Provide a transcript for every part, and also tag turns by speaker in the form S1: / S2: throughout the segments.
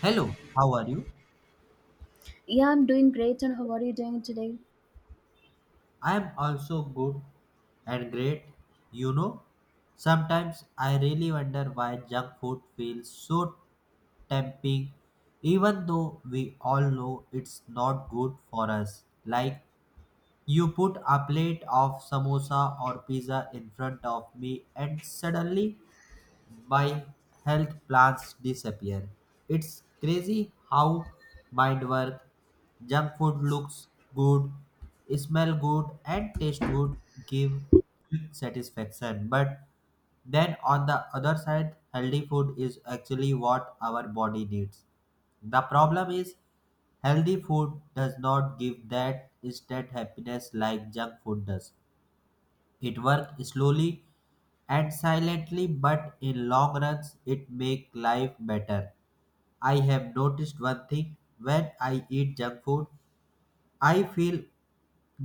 S1: Hello, how are you?
S2: Yeah, I'm doing great. And how are you doing today?
S1: I am also good and great. You know, sometimes I really wonder why junk food feels so tempting, even though we all know it's not good for us. Like, you put a plate of samosa or pizza in front of me, and suddenly my health plans disappear. It's crazy how mind work. Junk food looks good, smell good, and taste good, give quick satisfaction. But then on the other side, healthy food is actually what our body needs. The problem is healthy food does not give that instant happiness like junk food does. It works slowly and silently, but in long runs, it make life better. I have noticed one thing: when I eat junk food, I feel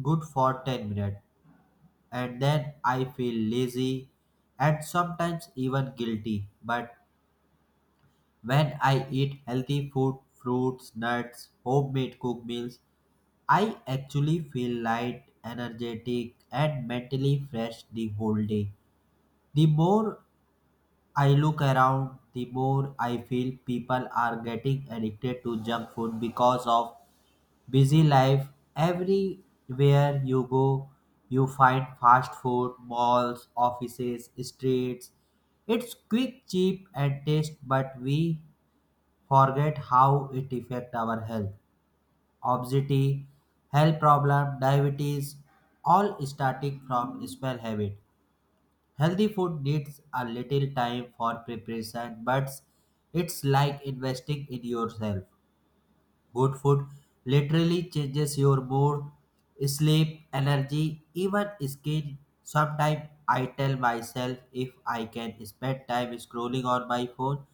S1: good for 10 minutes, and then I feel lazy and sometimes even guilty. But when I eat healthy food, fruits, nuts, homemade cooked meals, I actually feel light, energetic, and mentally fresh the whole day. The more I look around, the more I feel people are getting addicted to junk food because of busy life. Everywhere you go, you find fast food, malls, offices, streets. It's quick, cheap, and taste, but we forget how it affects our health. Obesity, health problem, diabetes, all starting from small habit. Healthy food needs a little time for preparation, but it's like investing in yourself. Good food literally changes your mood, sleep, energy, even skin. Sometimes I tell myself if I can spend time scrolling on my phone,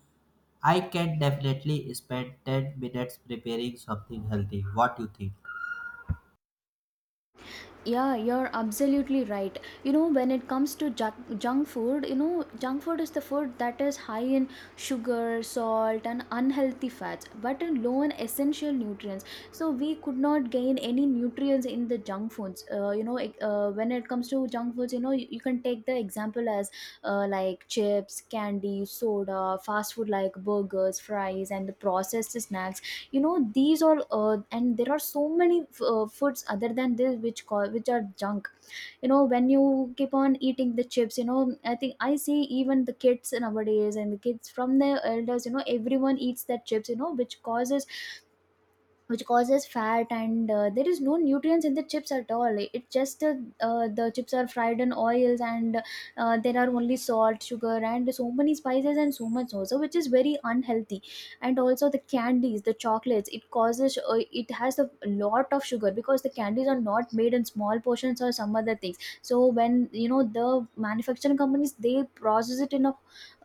S1: I can definitely spend 10 minutes preparing something healthy. What do you think?
S2: Yeah, you're absolutely right. You know, when it comes to junk food, junk food is the food that is high in sugar, salt, and unhealthy fats, but low in essential nutrients. So we could not gain any nutrients in the junk foods. When it comes to junk foods, you can take the example as like chips, candy, soda, fast food like burgers, fries, and the processed snacks. You know these are And there are so many foods other than this which are junk. When you keep on eating the chips, I think I see even the kids nowadays and the kids from the elders. Everyone eats that chips, which causes fat. And there is no nutrients in the chips at all. It just The chips are fried in oils. And there are only salt, sugar, and so many spices, and so much also, which is very unhealthy. And also the candies, the chocolates, it has a lot of sugar, because the candies are not made in small portions or some other things. So, when the manufacturing companies, they process it in a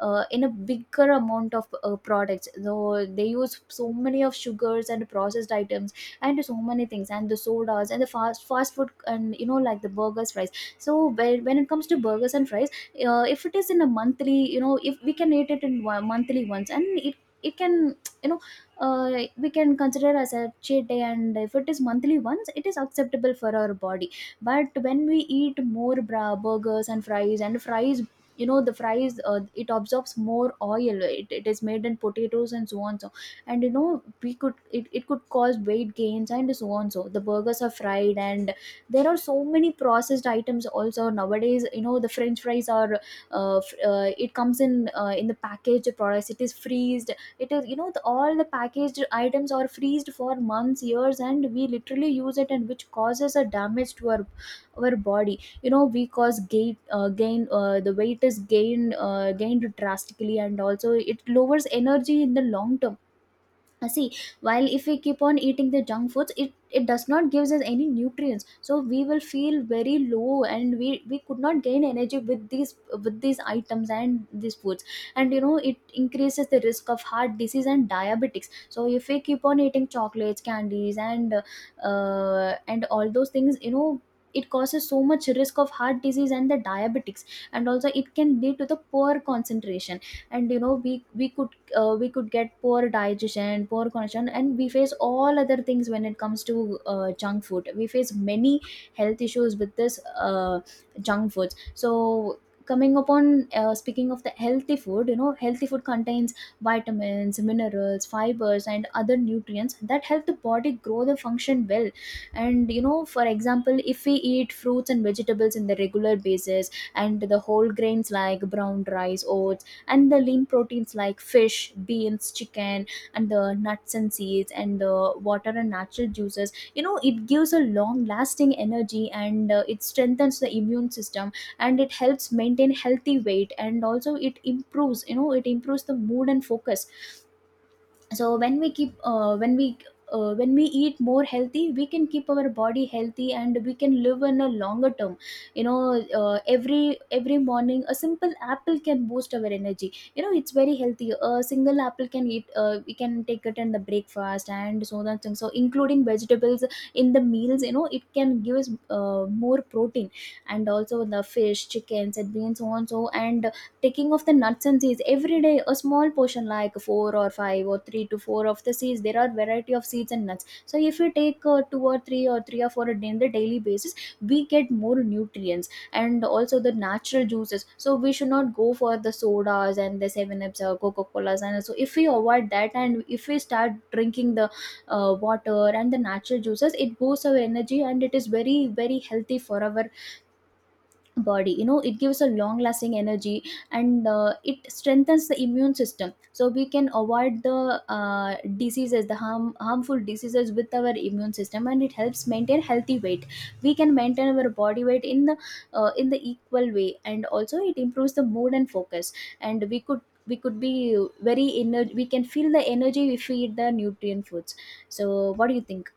S2: uh, in a bigger amount of products, so they use so many of sugars and processed items and so many things. And the sodas and the fast food, and like the burgers, fries. So when it comes to burgers and fries, if it is in a monthly, if we can eat it in monthly once, and it can you know we can consider as a cheat day. And if it is monthly once, it is acceptable for our body. But when we eat more burgers and fries, the fries, it absorbs more oil. It is made in potatoes and so on. So, and it could cause weight gains and so on. So the burgers are fried, and there are so many processed items also nowadays. The french fries are it comes in in the packaged products. It is freezed. It is you know the, All the packaged items are freezed for months, years, and we literally use it, and which causes a damage to our body. We cause gain gain The weight is gained drastically. And also it lowers energy in the long term. See, while if we keep on eating the junk foods, it does not gives us any nutrients. So we will feel very low, and we could not gain energy with these, items and these foods. And it increases the risk of heart disease and diabetics. So if we keep on eating chocolates, candies, and and all those things, it causes so much risk of heart disease and the diabetics. And also it can lead to the poor concentration. And we could get poor digestion, poor condition, and we face all other things. When it comes to junk food, we face many health issues with this junk foods. So coming upon speaking of the healthy food, healthy food contains vitamins, minerals, fibers, and other nutrients that help the body grow, the function well. And for example, if we eat fruits and vegetables in the regular basis, and the whole grains like brown rice, oats, and the lean proteins like fish, beans, chicken, and the nuts and seeds, and the water and natural juices, it gives a long lasting energy. And it strengthens the immune system, and it helps maintain healthy weight. And also it improves the mood and focus. So when we keep when we eat more healthy, we can keep our body healthy, and we can live in a longer term. Every morning a simple apple can boost our energy. It's very healthy. A single apple can eat We can take it in the breakfast and so that thing. So, including vegetables in the meals, it can give us more protein. And also the fish, chickens, and beans, so on. So, and taking of the nuts and seeds every day, a small portion like four or five or three to four of the seeds. There are variety of seeds and nuts. So if you take two or three or three or four a day on the daily basis, we get more nutrients. And also the natural juices, so we should not go for the sodas and the seven ups or coca colas. And so if we avoid that, and if we start drinking the water and the natural juices, it boosts our energy, and it is very very healthy for our body. It gives a long lasting energy. And it strengthens the immune system, so we can avoid the diseases, the harmful diseases with our immune system. And it helps maintain healthy weight. We can maintain our body weight in the equal way. And also it improves the mood and focus. And we could be very ener. We can feel the energy if we eat the nutrient foods. So, what do you think?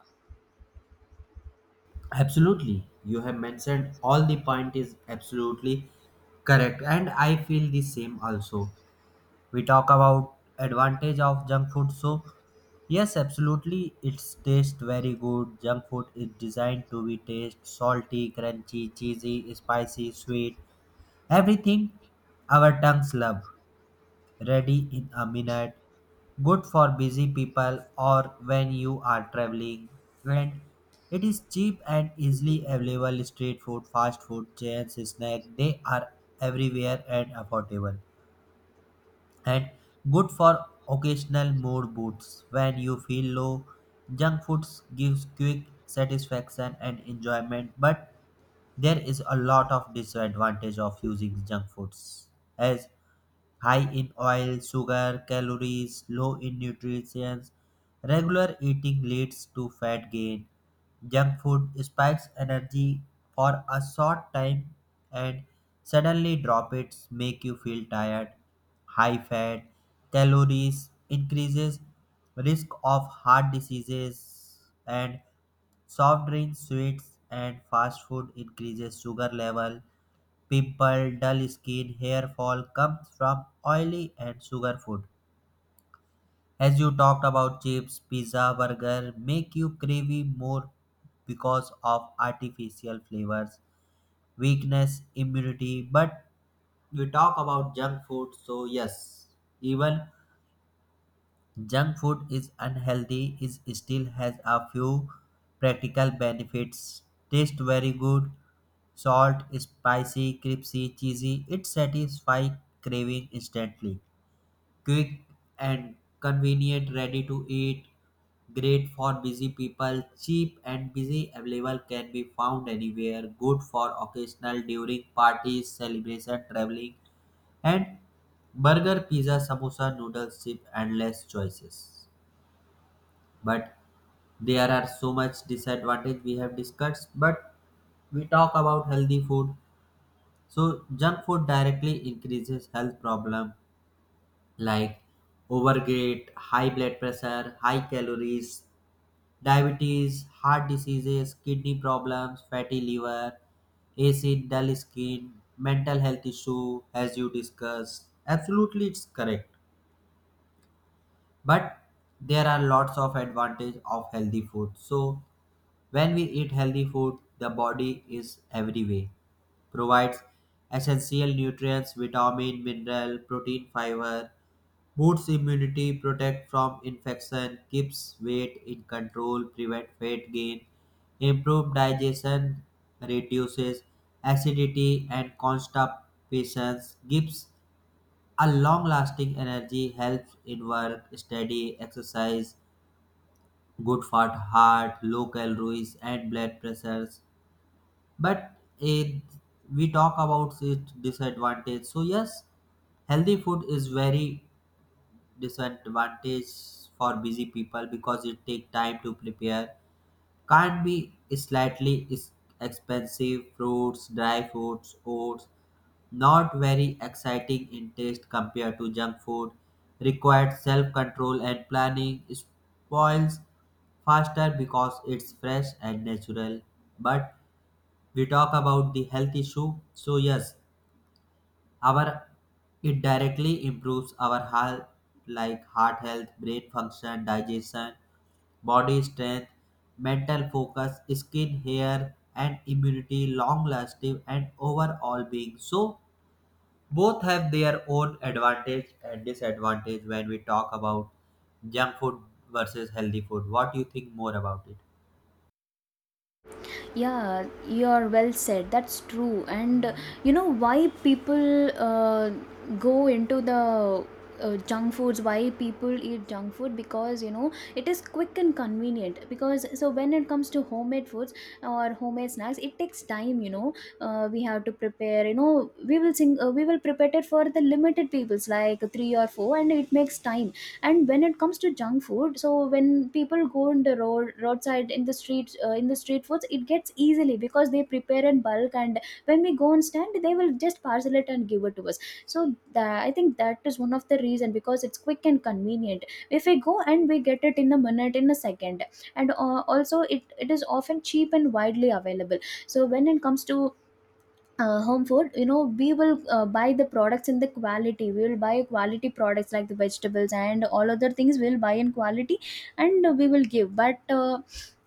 S1: Absolutely. You have mentioned all the point is absolutely correct, and I feel the same also. We talk about advantage of junk food, so yes, absolutely it's taste very good. Junk food is designed to be taste salty, crunchy, cheesy, spicy, sweet, everything our tongues love, ready in a minute. Good for busy people or when you are traveling. And it is cheap and easily available, street food, fast food, chains, snack. They are everywhere and affordable. And good for occasional mood boosts when you feel low. Junk foods gives quick satisfaction and enjoyment, but there is a lot of disadvantage of using junk foods as high in oil, sugar, calories, low in nutrients. Regular eating leads to fat gain. Junk food spikes energy for a short time and suddenly drop it, make you feel tired. High fat, calories increases risk of heart diseases, and soft drinks, sweets and fast food increases sugar level. Pimple, dull skin, hair fall comes from oily and sugar food. As you talked about chips, pizza, burger, make you crave more because of artificial flavors, weakness, immunity. But we talk about junk food, so yes, even junk food is unhealthy is still has a few practical benefits. Taste very good, salt, spicy, crispy, cheesy. It satisfies craving instantly. Quick and convenient, ready to eat. Great for busy people, cheap and busy available, can be found anywhere. Good for occasional during parties, celebration, traveling, and burger, pizza, samosa, noodles, chip, endless choices. But there are so much disadvantage we have discussed, but we talk about healthy food, so junk food directly increases health problem like overweight, high blood pressure, high calories, diabetes, heart diseases, kidney problems, fatty liver, acid, dull skin, mental health issue, as you discussed, absolutely it's correct. But there are lots of advantage of healthy food, so when we eat healthy food, the body is every way. Provides essential nutrients, vitamin, mineral, protein, fiber, boosts immunity, protect from infection, keeps weight in control, prevent fat gain, improve digestion, reduces acidity and constipation, gives a long-lasting energy, helps in work, study, exercise, good for heart, low calories and blood pressures. But eh, we talk about its disadvantage, so yes, healthy food is very disadvantage for busy people because it take time to prepare, can't be slightly is expensive, fruits, dry fruits, oats, not very exciting in taste compared to junk food, required self-control and planning, spoils faster because it's fresh and natural. But we talk about the health issue, so yes, our it directly improves our health like heart health, brain function, digestion, body strength, mental focus, skin, hair and immunity, long lasting and overall being. So both have their own advantage and disadvantage. When we talk about junk food versus healthy food, what do you think more about it?
S2: Yeah, you are well said, that's true. And why people go into the junk foods, why people eat junk food? Because it is quick and convenient. Because so when it comes to homemade foods or homemade snacks, it takes time. We have to prepare. We will prepare it for the limited peoples like three or four, and it makes time. And when it comes to junk food, so when people go on the roadside, in the streets, in the street foods, it gets easily because they prepare in bulk. And when we go and stand, they will just parcel it and give it to us. So I think that is one of the reason because it's quick and convenient. If we go and we get it in a minute, in a second. And also it is often cheap and widely available. So when it comes to home food, we will buy the products in the quality. We will buy quality products like the vegetables and all other things. We will buy in quality. And we will give. But uh,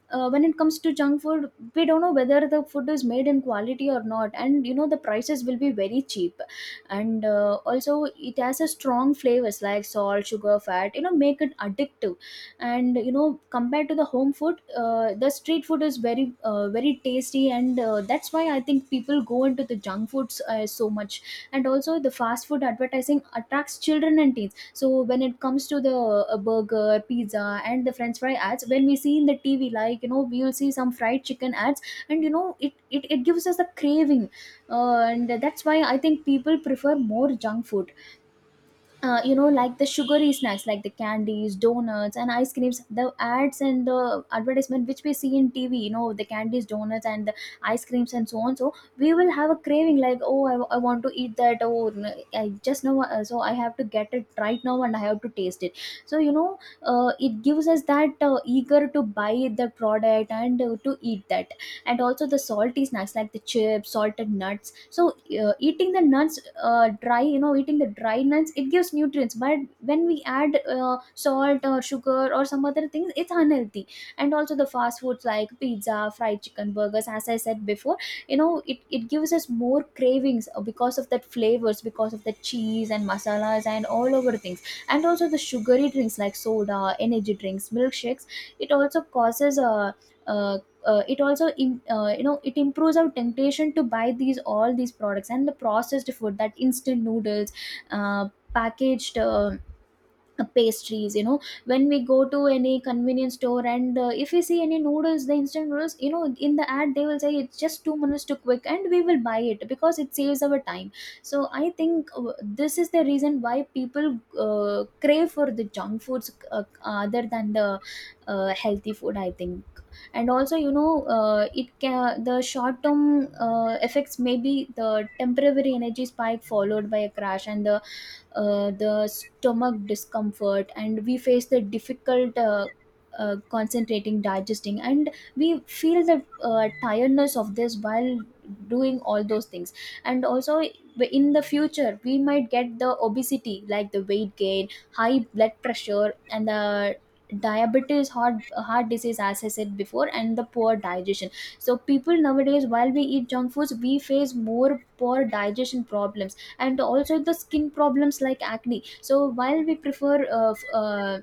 S2: uh, when it comes to junk food, we don't know whether the food is made in quality or not. And the prices will be very cheap. And also it has a strong flavors, like salt, sugar, fat, make it addictive. And compared to the home food, the street food is very very tasty. And that's why I think people go into the junk foods so much. And also the fast food advertising attracts children and teens. So when it comes to the burger, pizza, and the french fry ads, when we see in the TV, like, we will see some fried chicken ads. And it gives us the craving. And that's why I think people prefer more junk food. Like the sugary snacks, like the candies, donuts, and ice creams, the ads and the advertisement which we see in TV. The candies, donuts, and the ice creams and so on. So we will have a craving like, oh, I want to eat that, or I just know. So I have to get it right now, and I have to taste it. So it gives us that eager to buy the product, and to eat that. And also the salty snacks like the chips, salted nuts. So eating the nuts dry eating the dry nuts, it gives nutrients. But when we add salt or sugar or some other things, it's unhealthy. And also the fast foods like pizza, fried chicken, burgers, as I said before, it gives us more cravings because of that flavors, because of the cheese and masalas and all over things. And also the sugary drinks, like soda, energy drinks, milkshakes. It also causes uh, it also in, it improves our temptation to buy these all these products. And the processed food, that instant noodles, uh, packaged, pastries, When we go to any convenience store and if we see any noodles, the instant noodles, you know, in the ad they will say it's just 2 minutes to quick and we will buy it because it saves our time. So I think this is the reason why people crave for the junk foods other than the healthy food, I think. And also, you know, it can, the short term effects may be the temporary energy spike followed by a crash and the stomach discomfort, and we face the difficult concentrating, digesting, and we feel the tiredness of this while doing all those things. And also in the future we might get the obesity, like the weight gain, high blood pressure and the diabetes, heart disease, as I said before, and the poor digestion. So people nowadays, while we eat junk foods, we face more poor digestion problems. And also the skin problems like acne. So while we prefer uh, f- uh,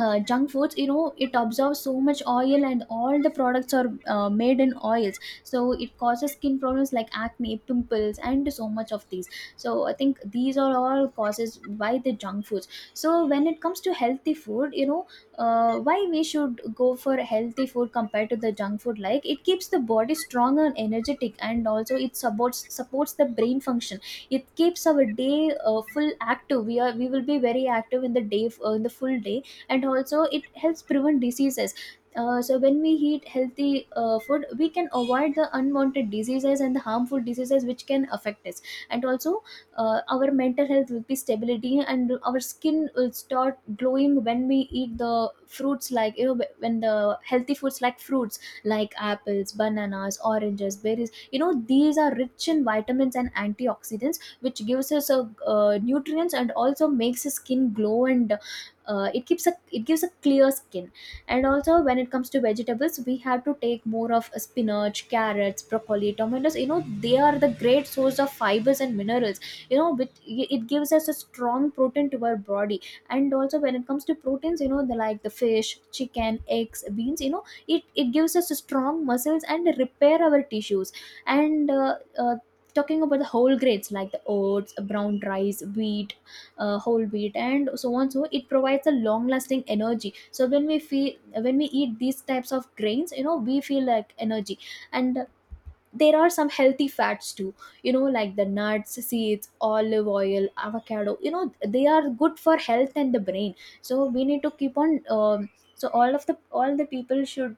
S2: junk foods, you know, it absorbs so much oil and all the products are made in oils, so it causes skin problems like acne, pimples and so much of these. So I think these are all causes by the junk foods. So when it comes to healthy food, you know, why we should go for healthy food compared to the junk food, like it keeps the body strong and energetic, and also it supports the brain function. It keeps our day full active. We are we will be very active in the day, in the full day. And also it helps prevent diseases. So when we eat healthy food, we can avoid the unwanted diseases and the harmful diseases which can affect us. And also, our mental health will be stability and our skin will start glowing when we eat the fruits, like, you know, when the healthy foods like fruits, like apples, bananas, oranges, berries, you know, these are rich in vitamins and antioxidants, which gives us a, nutrients, and also makes the skin glow, and it keeps a, it gives a clear skin. And also when it comes to vegetables, we have to take more of spinach, carrots, broccoli, tomatoes, you know, they are the great source of fibers and minerals. You know, with it gives us a strong protein to our body. And also when it comes to proteins, you know, the, like the fish, chicken, eggs, beans, you know, it gives us strong muscles and repair our tissues. And talking about the whole grains like the oats, brown rice, wheat, whole wheat and so on, so it provides a long lasting energy. So when we feel, when we eat these types of grains, you know, we feel like energy. And there are some healthy fats too, you know, like the nuts, seeds, olive oil, avocado, you know, they are good for health and the brain. So we need to keep on so all the people should,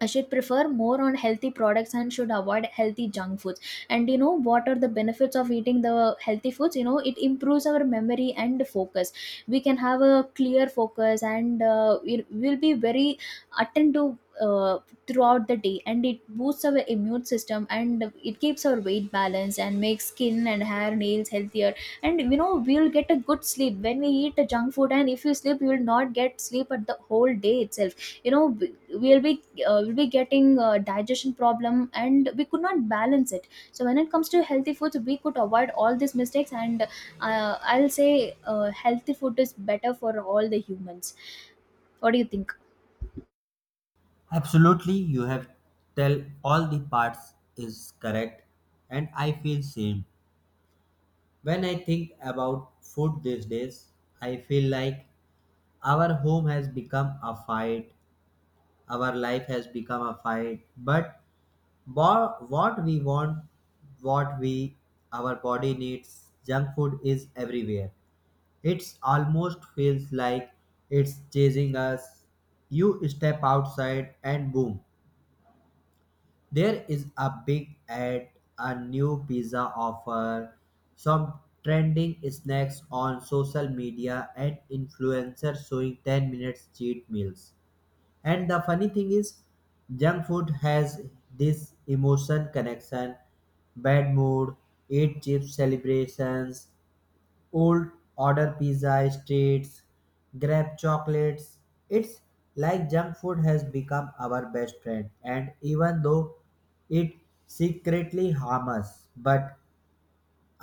S2: I should prefer more on healthy products and should avoid healthy junk foods. And you know what are the benefits of eating the healthy foods? You know, it improves our memory and focus. We can have a clear focus and we'll be very attentive throughout the day. And it boosts our immune system and it keeps our weight balanced and makes skin and hair nails healthier. And you know we'll get a good sleep when we eat a junk food. And if you sleep, you will not get sleep at the whole day itself. You know we'll be getting digestion problem and we could not balance it. So when it comes to healthy foods, we could avoid all these mistakes. And I'll say healthy food is better for all the humans. What do you think?
S1: Absolutely, you have tell all the parts is correct, and I feel same. When I think about food these days, I feel like our home has become a fight, our life has become a fight. But what we want, what we our body needs, junk food is everywhere. It's almost feels like it's chasing us. You step outside and boom, there is a big ad, a new pizza offer, some trending snacks on social media, and influencers showing 10 minutes cheat meals. And the funny thing is, junk food has this emotion connection, bad mood, eat chips, celebrations, old, order pizza, streets, grab chocolates. It's like junk food has become our best friend, and even though it secretly harms us, but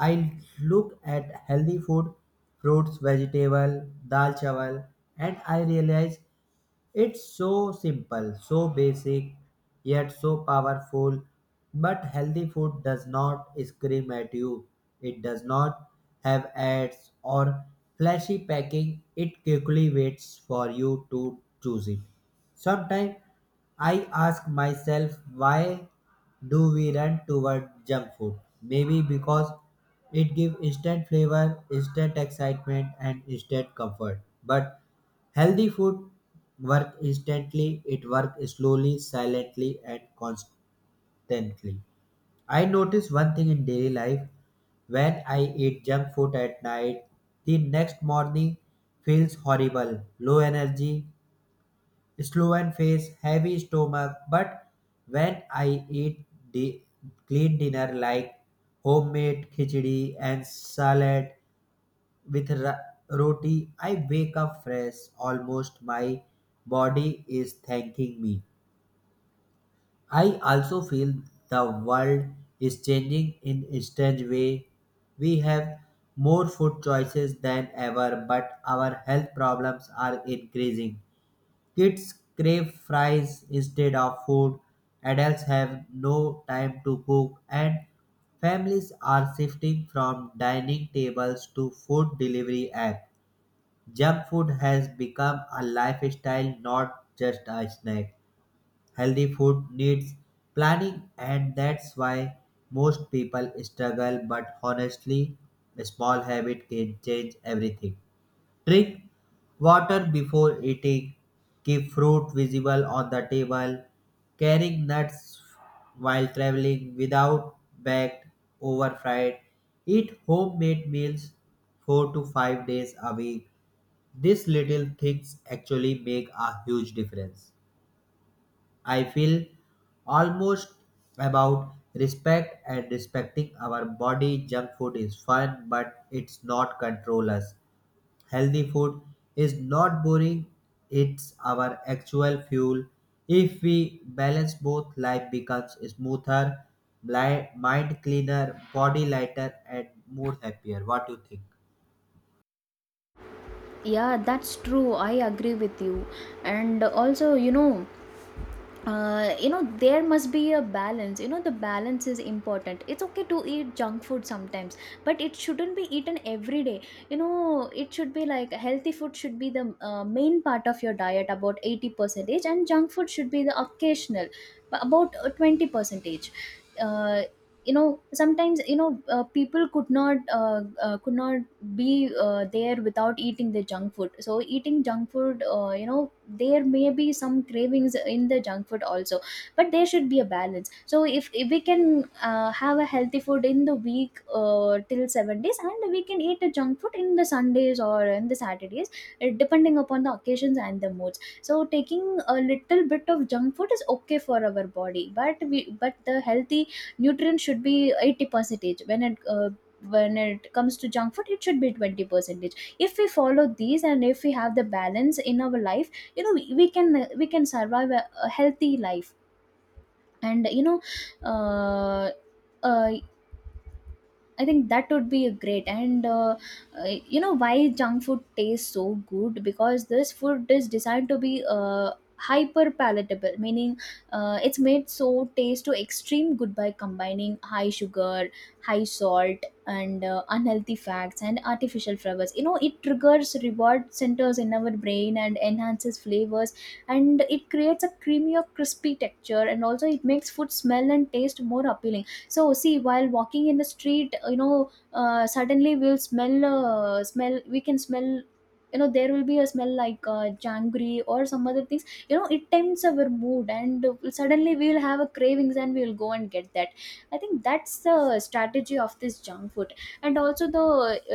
S1: I look at healthy food, fruits, vegetable, dal chawal, and I realize it's so simple, so basic, yet so powerful. But healthy food does not scream at you. It does not have ads or flashy packing. It quickly waits for you to choose it. Sometimes I ask myself, why do we run toward junk food? Maybe because it gives instant flavor, instant excitement and instant comfort. But healthy food work instantly, it works slowly, silently and constantly. I notice one thing in daily life: when I eat junk food at night, the next morning feels horrible, low energy, swollen face, heavy stomach, but when I eat the clean dinner like homemade khichdi and salad with roti, I wake up fresh. Almost my body is thanking me. I also feel the world is changing in a strange way. We have more food choices than ever, but our health problems are increasing. Kids crave fries instead of food, adults have no time to cook, and families are shifting from dining tables to food delivery apps. Junk food has become a lifestyle, not just a snack. Healthy food needs planning, and that's why most people struggle. But honestly, a small habit can change everything. Drink water before eating. Keep fruit visible on the table. Carrying nuts while traveling without bagged, over fried. Eat homemade meals 4 to 5 days a week. These little things actually make a huge difference. I feel almost about respect and respecting our body. Junk food is fun, but it's not control us. Healthy food is not boring, it's our actual fuel. If we balance both, life becomes smoother, mind cleaner, body lighter, and more happier. What do you think?
S2: Yeah, that's true. I agree with you. And also, you know, you know there must be a balance. You know, the balance is important. It's okay to eat junk food sometimes, but it shouldn't be eaten every day. You know, it should be like, healthy food should be the main part of your diet, about 80 percentage, and junk food should be the occasional, about 20 percentage. Uh, you know, sometimes, you know, people could not, could not be there without eating the junk food. So eating junk food, you know, there may be some cravings in the junk food also, but there should be a balance. So if we can have a healthy food in the week till 7 days, and we can eat a junk food in the sundays or in the saturdays, depending upon the occasions and the moods. So taking a little bit of junk food is okay for our body, but we, but the healthy nutrients should be 80 percentage. When it uh, when it comes to junk food, it should be 20 percentage. If we follow these and if we have the balance in our life, you know, we can, we can survive a healthy life. And you know, uh, uh, I think that would be a great. And you know, why junk food tastes so good? Because this food is designed to be hyper palatable, meaning it's made so taste to extreme good by combining high sugar, high salt and unhealthy fats and artificial flavors. You know, it triggers reward centers in our brain and enhances flavors, and it creates a creamy or crispy texture, and also it makes food smell and taste more appealing. So see, while walking in the street, you know, suddenly we'll smell, smell we can smell, you know, there will be a smell like jangri or some other things, you know, it tempts our mood and suddenly we will have a cravings and we will go and get that. I think that's the strategy of this junk food. And also the,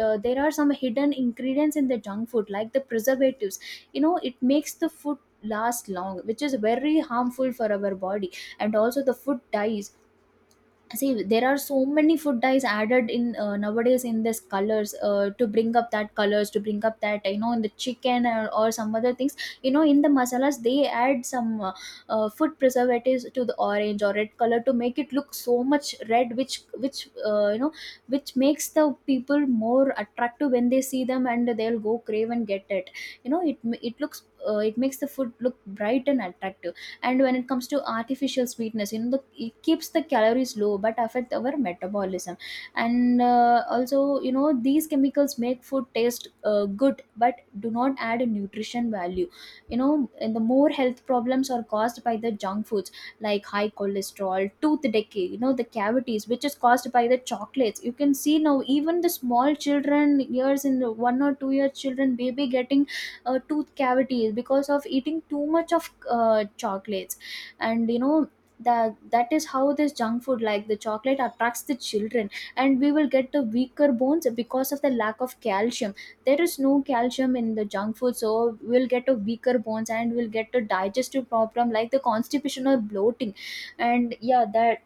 S2: there are some hidden ingredients in the junk food like the preservatives. You know, it makes the food last long, which is very harmful for our body. And also the food dies. See, there are so many food dyes added in, nowadays in this colors to bring up that colors, to bring up that, you know, in the chicken or some other things. You know, in the masalas they add some food preservatives to the orange or red color to make it look so much red, which, which you know, which makes the people more attractive when they see them, and they'll go crave and get it. You know, it looks, it makes the food look bright and attractive. And when it comes to artificial sweetness, you know, it keeps the calories low but affect our metabolism. And also, you know, these chemicals make food taste good but do not add a nutrition value. You know, and the more health problems are caused by the junk foods, like high cholesterol, tooth decay, you know, the cavities, which is caused by the chocolates. You can see now, even the small children years, in the 1 or 2 year children baby getting tooth cavities because of eating too much of chocolates. And you know that is how this junk food like the chocolate attracts the children. And we will get the weaker bones because of the lack of calcium. There is no calcium in the junk food, so we'll get a weaker bones, and we'll get a digestive problem like the constipation or bloating. And yeah, that,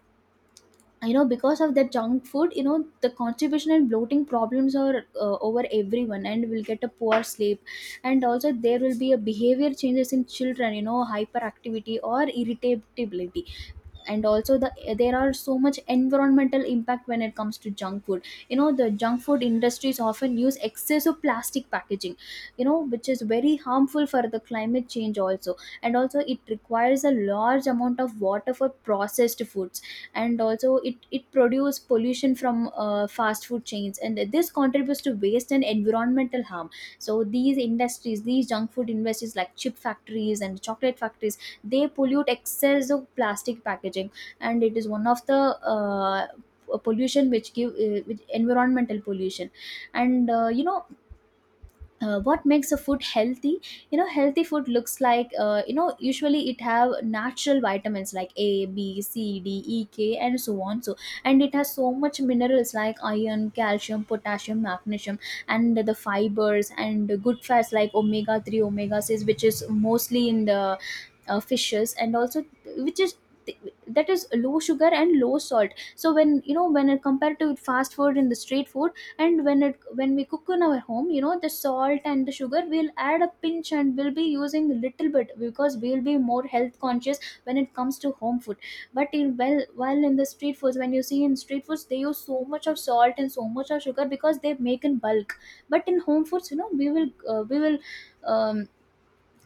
S2: you know, because of that junk food, you know, the constipation and bloating problems are over everyone, and will get a poor sleep. And also there will be a behavior changes in children, you know, hyperactivity or irritability. And also the, there are so much environmental impact when it comes to junk food. You know, the junk food industries often use excessive plastic packaging, you know, which is very harmful for the climate change also. And also it requires a large amount of water for processed foods. And also it produces pollution from fast food chains, and this contributes to waste and environmental harm. So these industries, these junk food industries like chip factories and chocolate factories, they pollute excess of plastic packaging. And it is one of the pollution which give which environmental pollution. And you know, what makes a food healthy? You know, healthy food looks like, you know, usually it have natural vitamins like A B C D E K and so on. So, and it has so much minerals like iron, calcium, potassium, magnesium, and the fibers and the good fats like omega 3, omega 6, which is mostly in the fishes. And also, which is, that is low sugar and low salt. So when, you know, when compared to fast food in the street food, and when it, when we cook in our home, you know, the salt and the sugar we'll add a pinch and we'll be using little bit because we'll be more health conscious when it comes to home food. But in, well, while in the street foods, when you see in street foods, they use so much of salt and so much of sugar because they make in bulk. But in home foods, you know, we will um,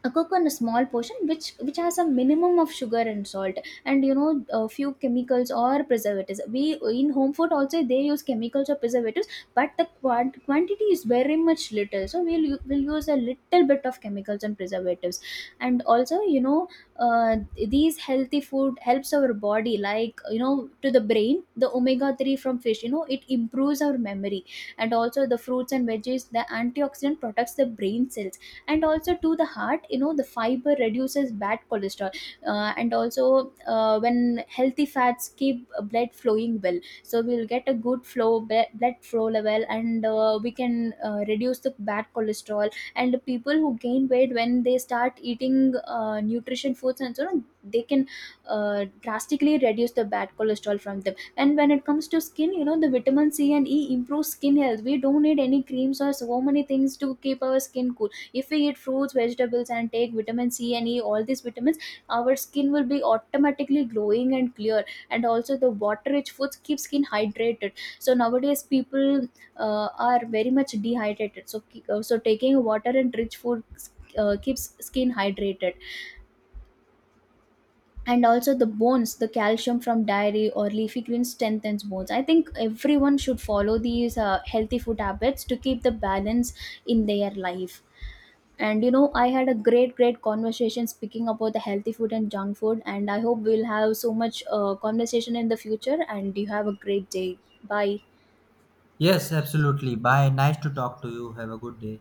S2: a cook on a small portion, which has a minimum of sugar and salt. And you know, a few chemicals or preservatives, we, in home food also they use chemicals or preservatives, but the quantity is very much little, so we'll use a little bit of chemicals and preservatives. And also, you know, uh, these healthy food helps our body, like, you know, to the brain, the omega 3 from fish, you know, it improves our memory. And also the fruits and veggies, the antioxidant protects the brain cells. And also to the heart, you know, the fiber reduces bad cholesterol. And also, when healthy fats keep blood flowing well, so we'll get a good blood flow level, and we can reduce the bad cholesterol. And the people who gain weight, when they start eating nutrition foods and so on, they can drastically reduce the bad cholesterol from them. And when it comes to skin, you know, the vitamin c and e improve skin health. We don't need any creams or so many things to keep our skin cool. If we eat fruits, vegetables and take vitamin c and e, all these vitamins, our skin will be automatically glowing and clear. And also the water rich foods keep skin hydrated. So nowadays people are very much dehydrated, so so taking water and rich food keeps skin hydrated. And also the bones, the calcium from dairy or leafy greens strengthens bones. I think everyone should follow these healthy food habits to keep the balance in their life. And you know, I had a great, great conversation speaking about the healthy food and junk food. And I hope we'll have so much conversation in the future. And you have a great day. Bye.
S1: Yes, absolutely. Bye. Nice to talk to you. Have a good day.